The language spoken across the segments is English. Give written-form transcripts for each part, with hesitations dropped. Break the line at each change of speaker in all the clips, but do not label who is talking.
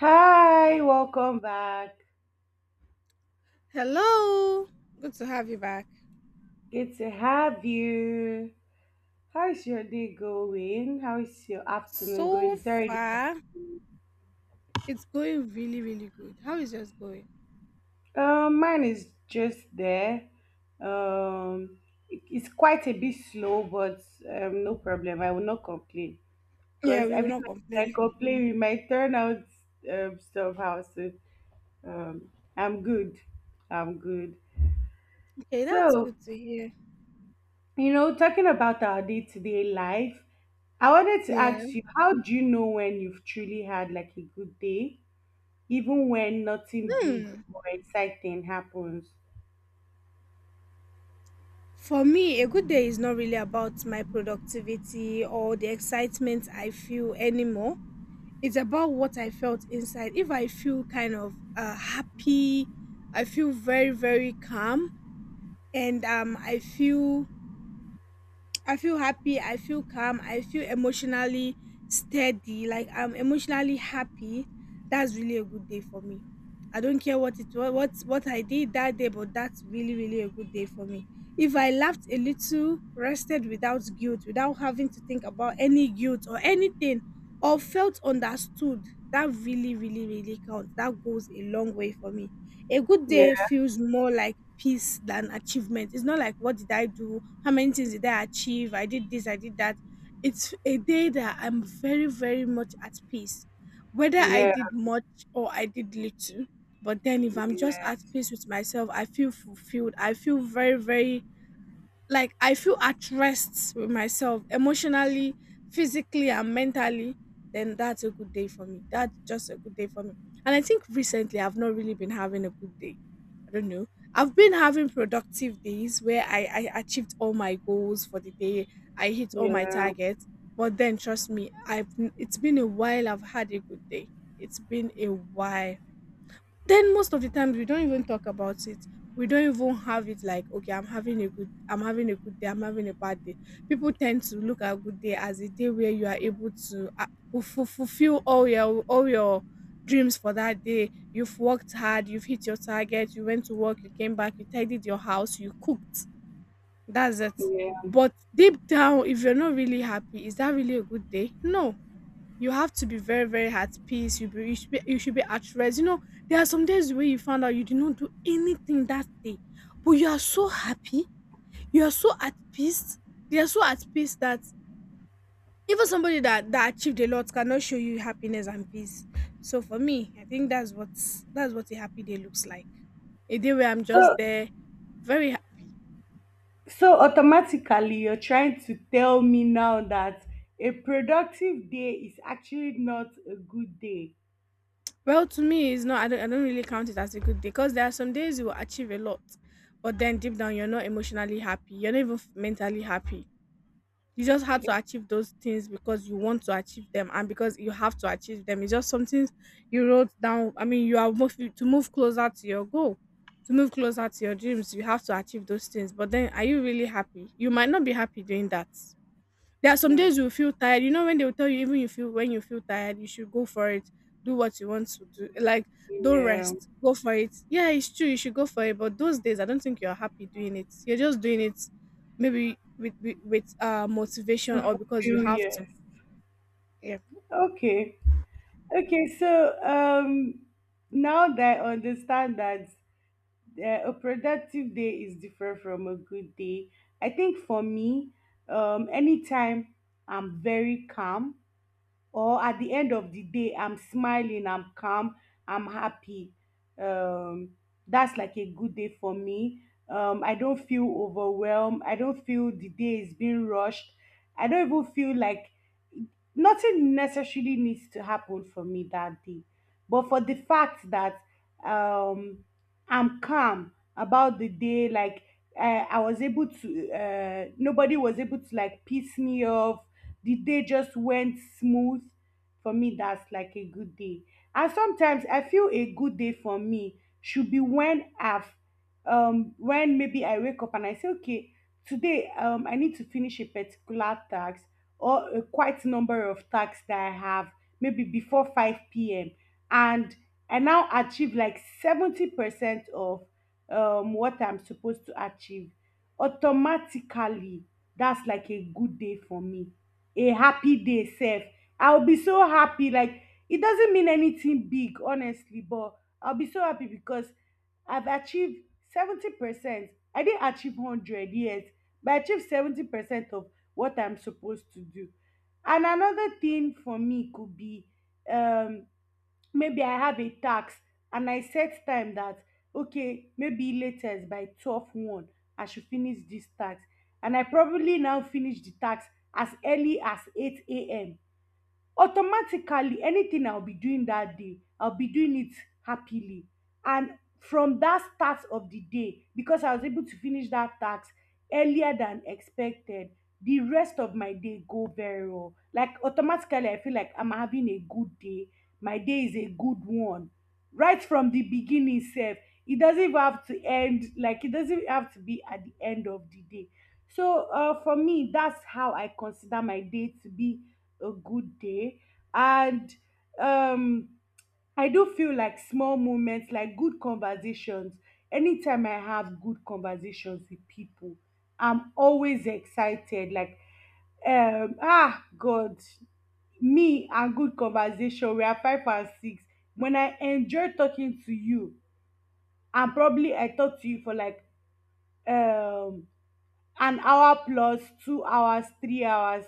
Hi, welcome back.
Hello, good to have you back.
Good to have you. How's your day going? How is your afternoon
So
going? It's already
far, it's going really, really good. How is yours going?
Mine is just there. Um it's quite a bit slow, but no problem. I will not complain.
Yeah,
Because
we will
every
not
time I
complain.
complain it might turn out stuff. So, I'm good. I'm good.
Okay, that's
So
good to hear.
You know, talking about our day-to-day life, I wanted to
Yeah.
ask you, how do you know when you've truly had like a good day, even when nothing big
Hmm.
or exciting happens?
For me, a good day is not really about my productivity or the excitement I feel anymore. It's about what I felt inside. If I feel kind of happy, I feel very, very calm, and I feel happy, I feel calm, I feel emotionally steady, like I'm emotionally happy. That's really a good day for me. I don't care what it was, what I did that day, but that's really really a good day for me. If I laughed a little, rested without guilt, without having to think about any guilt or anything, or felt understood, that really really really counts. That goes a long way for me. A good
Yeah,
day feels more like peace than achievement. It's not like what did I do? How many things did I achieve? I did this, I did that. It's a day that I'm very, very much at peace, whether I
yeah,
did much or I did little. But then if I'm just
yeah,
at peace with myself, I feel fulfilled. I feel very, very like I feel at rest with myself emotionally, physically, and mentally, then that's a good day for me. That's just a good day for me. And I think recently I've not really been having a good day. I don't know. I've been having productive days where I achieved all my goals for the day, I hit all my
yeah,
targets. But then, trust me, it's been a while I've had a good day. It's been a while. Then most of the times we don't even talk about it. We don't even have it like, okay, I'm having a good day, I'm having a bad day. People tend to look at good day as a day where you are able to fulfill all your dreams for that day. You've worked hard, you've hit your target, you went to work, you came back, you tidied your house, you cooked. That's it.
yeah.
But deep down, if you're not really happy, is that really a good day? No. You have to be very very at peace. You you should be, you should be at rest, you know. There are some days where you found out you did not do anything that day, but you are so happy, you are so at peace. They are so at peace that Even somebody that achieved a lot cannot show you happiness and peace. So for me, I think that's what a happy day looks like. A day where I'm just
So,
there, very happy.
so automatically you're trying to tell me now that a productive day is actually not a good day.
Well, to me, it's not. I don't really count it as a good day because there are some days you will achieve a lot, but then deep down you're not emotionally happy. You're not even mentally happy. You just had to
Okay.
achieve those things because you want to achieve them and because you have to achieve them. It's just something you wrote down. I mean, you are moving to move closer to your goal, to move closer to your dreams. You have to achieve those things. But then, are you really happy? You might not be happy doing that. There are some
Okay.
days you feel tired. You know, when they'll tell you, even you feel when you feel tired, you should go for it. Do what you want to do. Like, don't
Yeah.
rest. Go for it. Yeah, it's true. You should go for it. But those days, I don't think you're happy doing it. You're just doing it maybe with motivation
To
or because you
fulfill,
have to.
yes.
Yeah.
Okay. Okay, so now that I understand that a productive day is different from a good day. I think for me, anytime I'm very calm, or at the end of the day, I'm smiling, I'm calm, I'm happy, um that's like a good day for me. Um I don't feel overwhelmed, I don't feel the day is being rushed, I don't even feel like nothing necessarily needs to happen for me that day, but for the fact that um I'm calm about the day. Like, I was able to nobody was able to like piss me off, the day just went smooth. For me that's like a good day. And sometimes I feel a good day for me should be when maybe I wake up and I say, okay, today I need to finish a particular task, or a quite number of tasks that I have, maybe before 5 p.m., and I now achieve like 70% of what I'm supposed to achieve. Automatically, that's like a good day for me, a happy day self. I'll be so happy. Like, it doesn't mean anything big honestly, but I'll be so happy because I've achieved 70%. I didn't achieve 100 yet, but I achieved 70% of what I'm supposed to do. And another thing for me could be, um maybe I have a task, and I set time that, okay, maybe latest by 12, 1, I should finish this task. And I probably now finish the task as early as 8 a.m. Automatically, anything I'll be doing that day, I'll be doing it happily. And from that start of the day, because I was able to finish that task earlier than expected, the rest of my day go very well. Like, automatically I feel like I'm having a good day. My day is a good one right from the beginning self. It doesn't even have to end. Like, it doesn't have to be at the end of the day. So, for me that's how I consider my day to be a good day. And um I do feel like small moments like good conversations. Anytime I have good conversations with people, I'm always excited. Like, ah God, me and good conversation we are five and six. When I enjoy talking to you, and probably I talk to you for like, um an hour plus 2 hours, 3 hours,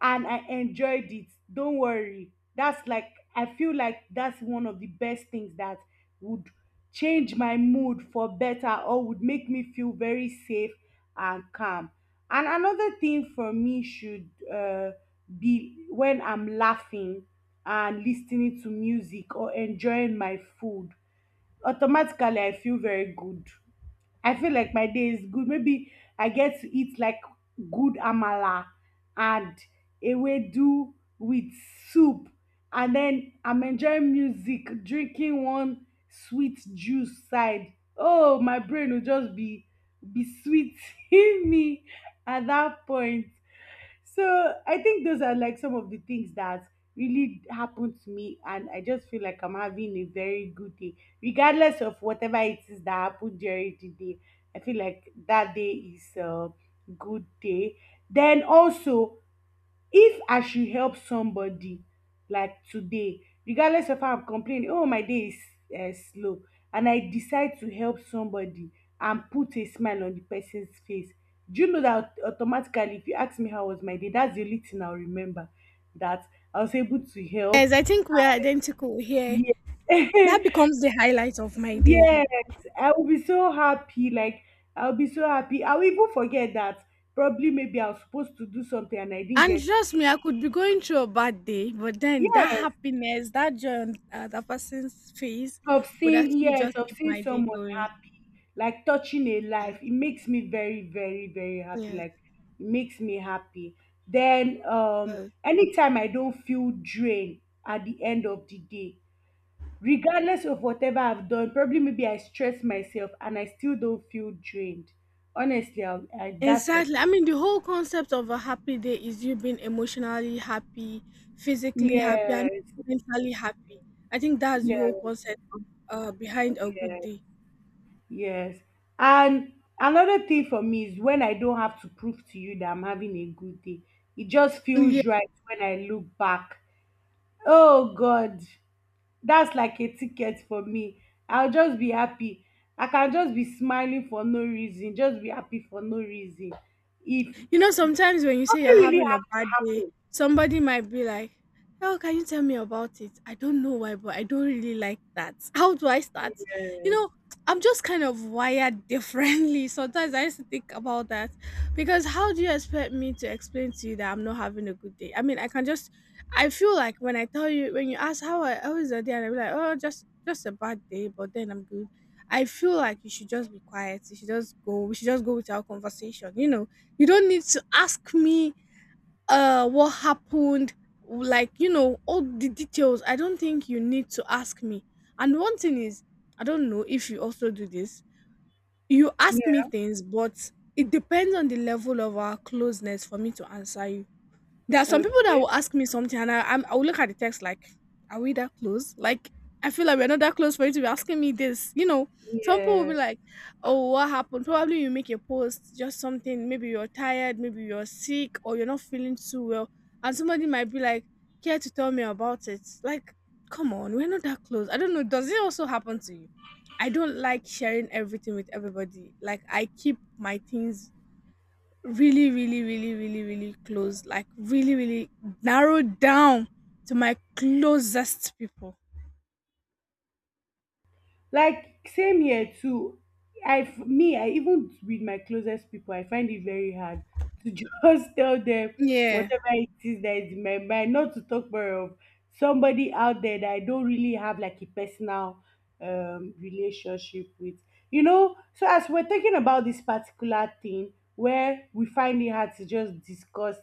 and I enjoyed it, don't worry. That's like, I feel like that's one of the best things that would change my mood for better, or would make me feel very safe and calm. And another thing for me should be when I'm laughing and listening to music or enjoying my food. Automatically, I feel very good. I feel like my day is good. Maybe I get to eat like good amala and ewedu with soup. And then I'm enjoying music, drinking one sweet juice side. Oh, my brain will just be sweet in me at that point. So I think those are like some of the things that really happened to me, and I just feel like I'm having a very good day. Regardless of whatever it is that happened during the day, I feel like that day is a good day. Then also, if I should help somebody, like today, regardless of how I'm complaining, oh my day is slow, and I decide to help somebody and put a smile on the person's face, do you know that automatically, if you ask me how was my day, that's the only thing I'll remember, that I was able to
Yes,
help.
I think we're identical here.
Yeah.
That becomes the highlight of my day.
Yes, I will be so happy. Like, I'll be so happy. I'll even forget that probably maybe I was supposed to do something and I didn't
And
get.
trust me, I could be going through a bad day, but then that
Yes,
happiness, that joy on that person's face
of
would
seeing,
actually
yes,
just
of
keep
seeing
my day
someone
going.
happy, like touching a
Yes,
life, it makes me very very very happy.
yes,
Like, it makes me happy. Then
does.
anytime I don't feel drained at the end of the day, regardless of whatever I've done, probably maybe I stress myself and I still don't feel drained. Honestly, I, that's like,
Exactly. I mean, the whole concept of a happy day is you being emotionally happy, physically happy, and
yes,
mentally happy. I think that's the
yes,
whole concept of, behind a good
yes,
day.
yes. And another thing for me is when I don't have to prove to you that I'm having a good day. It just
Yeah.
feels right when I look back. Oh God, that's like a ticket for me. I'll just be happy. I can just be smiling for no reason, just be happy for no reason. If
You know, sometimes when you say you're
nothing really
having a
has to
bad day, somebody might be like, oh, can you tell me about it? I don't know why, but I don't really like that. How do I start? You
happen.
know, I'm just kind of wired differently. Sometimes I used to think about that because how do you expect me to explain to you that I'm not having a good day? I mean, I can just, I feel like when I tell you, when you ask how, how is the day, and I'm like, oh, just a bad day, but then I'm good. I feel like you should just be quiet. You should just go. We should just go without conversation. You know, you don't need to ask me what happened, like you know, all the details. I don't think you need to ask me. And one thing is, I don't know if you also do this. You ask me
Yes.
things, but it depends on the level of our closeness for me to answer you. There are
Yeah.
some
Okay.
people that will ask me something and I'll look at the text like, are we that close? Like, I feel like we're not that close for you to be asking me this. You know, some people will
Yeah.
be like, oh, what happened? Probably you make a post, just something. Maybe you're tired, maybe you're sick, or you're not feeling too well. And somebody might be like, care to tell me about it? Like, come on, we're not that close. I don't know. Does it also happen to you? I don't like sharing everything with everybody. Like, I keep my things really really really really really close, like really really narrowed down to my closest people.
Like, same here too. Me, I even with my closest people I find it very hard to just tell them
Yeah.
whatever it is that is in my mind. Not to talk more of somebody out there that I don't really have like a personal relationship with. You know. So as we're talking about this particular thing where we find it hard to just discuss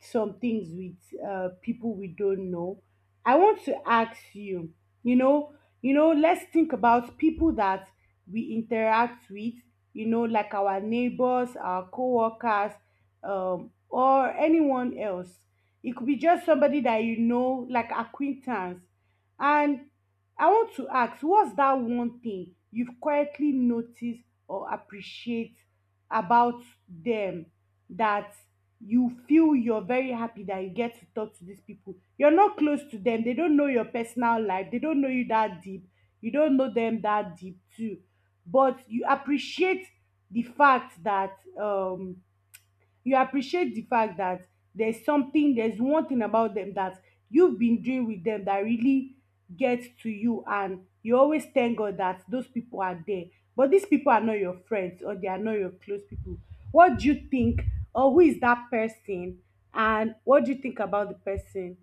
some things with people we don't know, I want to ask you, you know, let's think about people that we interact with, like our neighbors, our co-workers, or anyone else. It could be just somebody that you know, like acquaintance. And I want to ask, what's that one thing you've quietly noticed or appreciate about them, that you feel you're very happy that you get to talk to these people. You're not close to them. They don't know your personal life. They don't know you that deep. You don't know them that deep too. But you appreciate the fact that you appreciate the fact that there's one thing about them that you've been doing with them that really gets to you, and you always thank God that those people are there, but these people are not your friends or they are not your close people. What do you think, or who is that person, and what do you think about the person?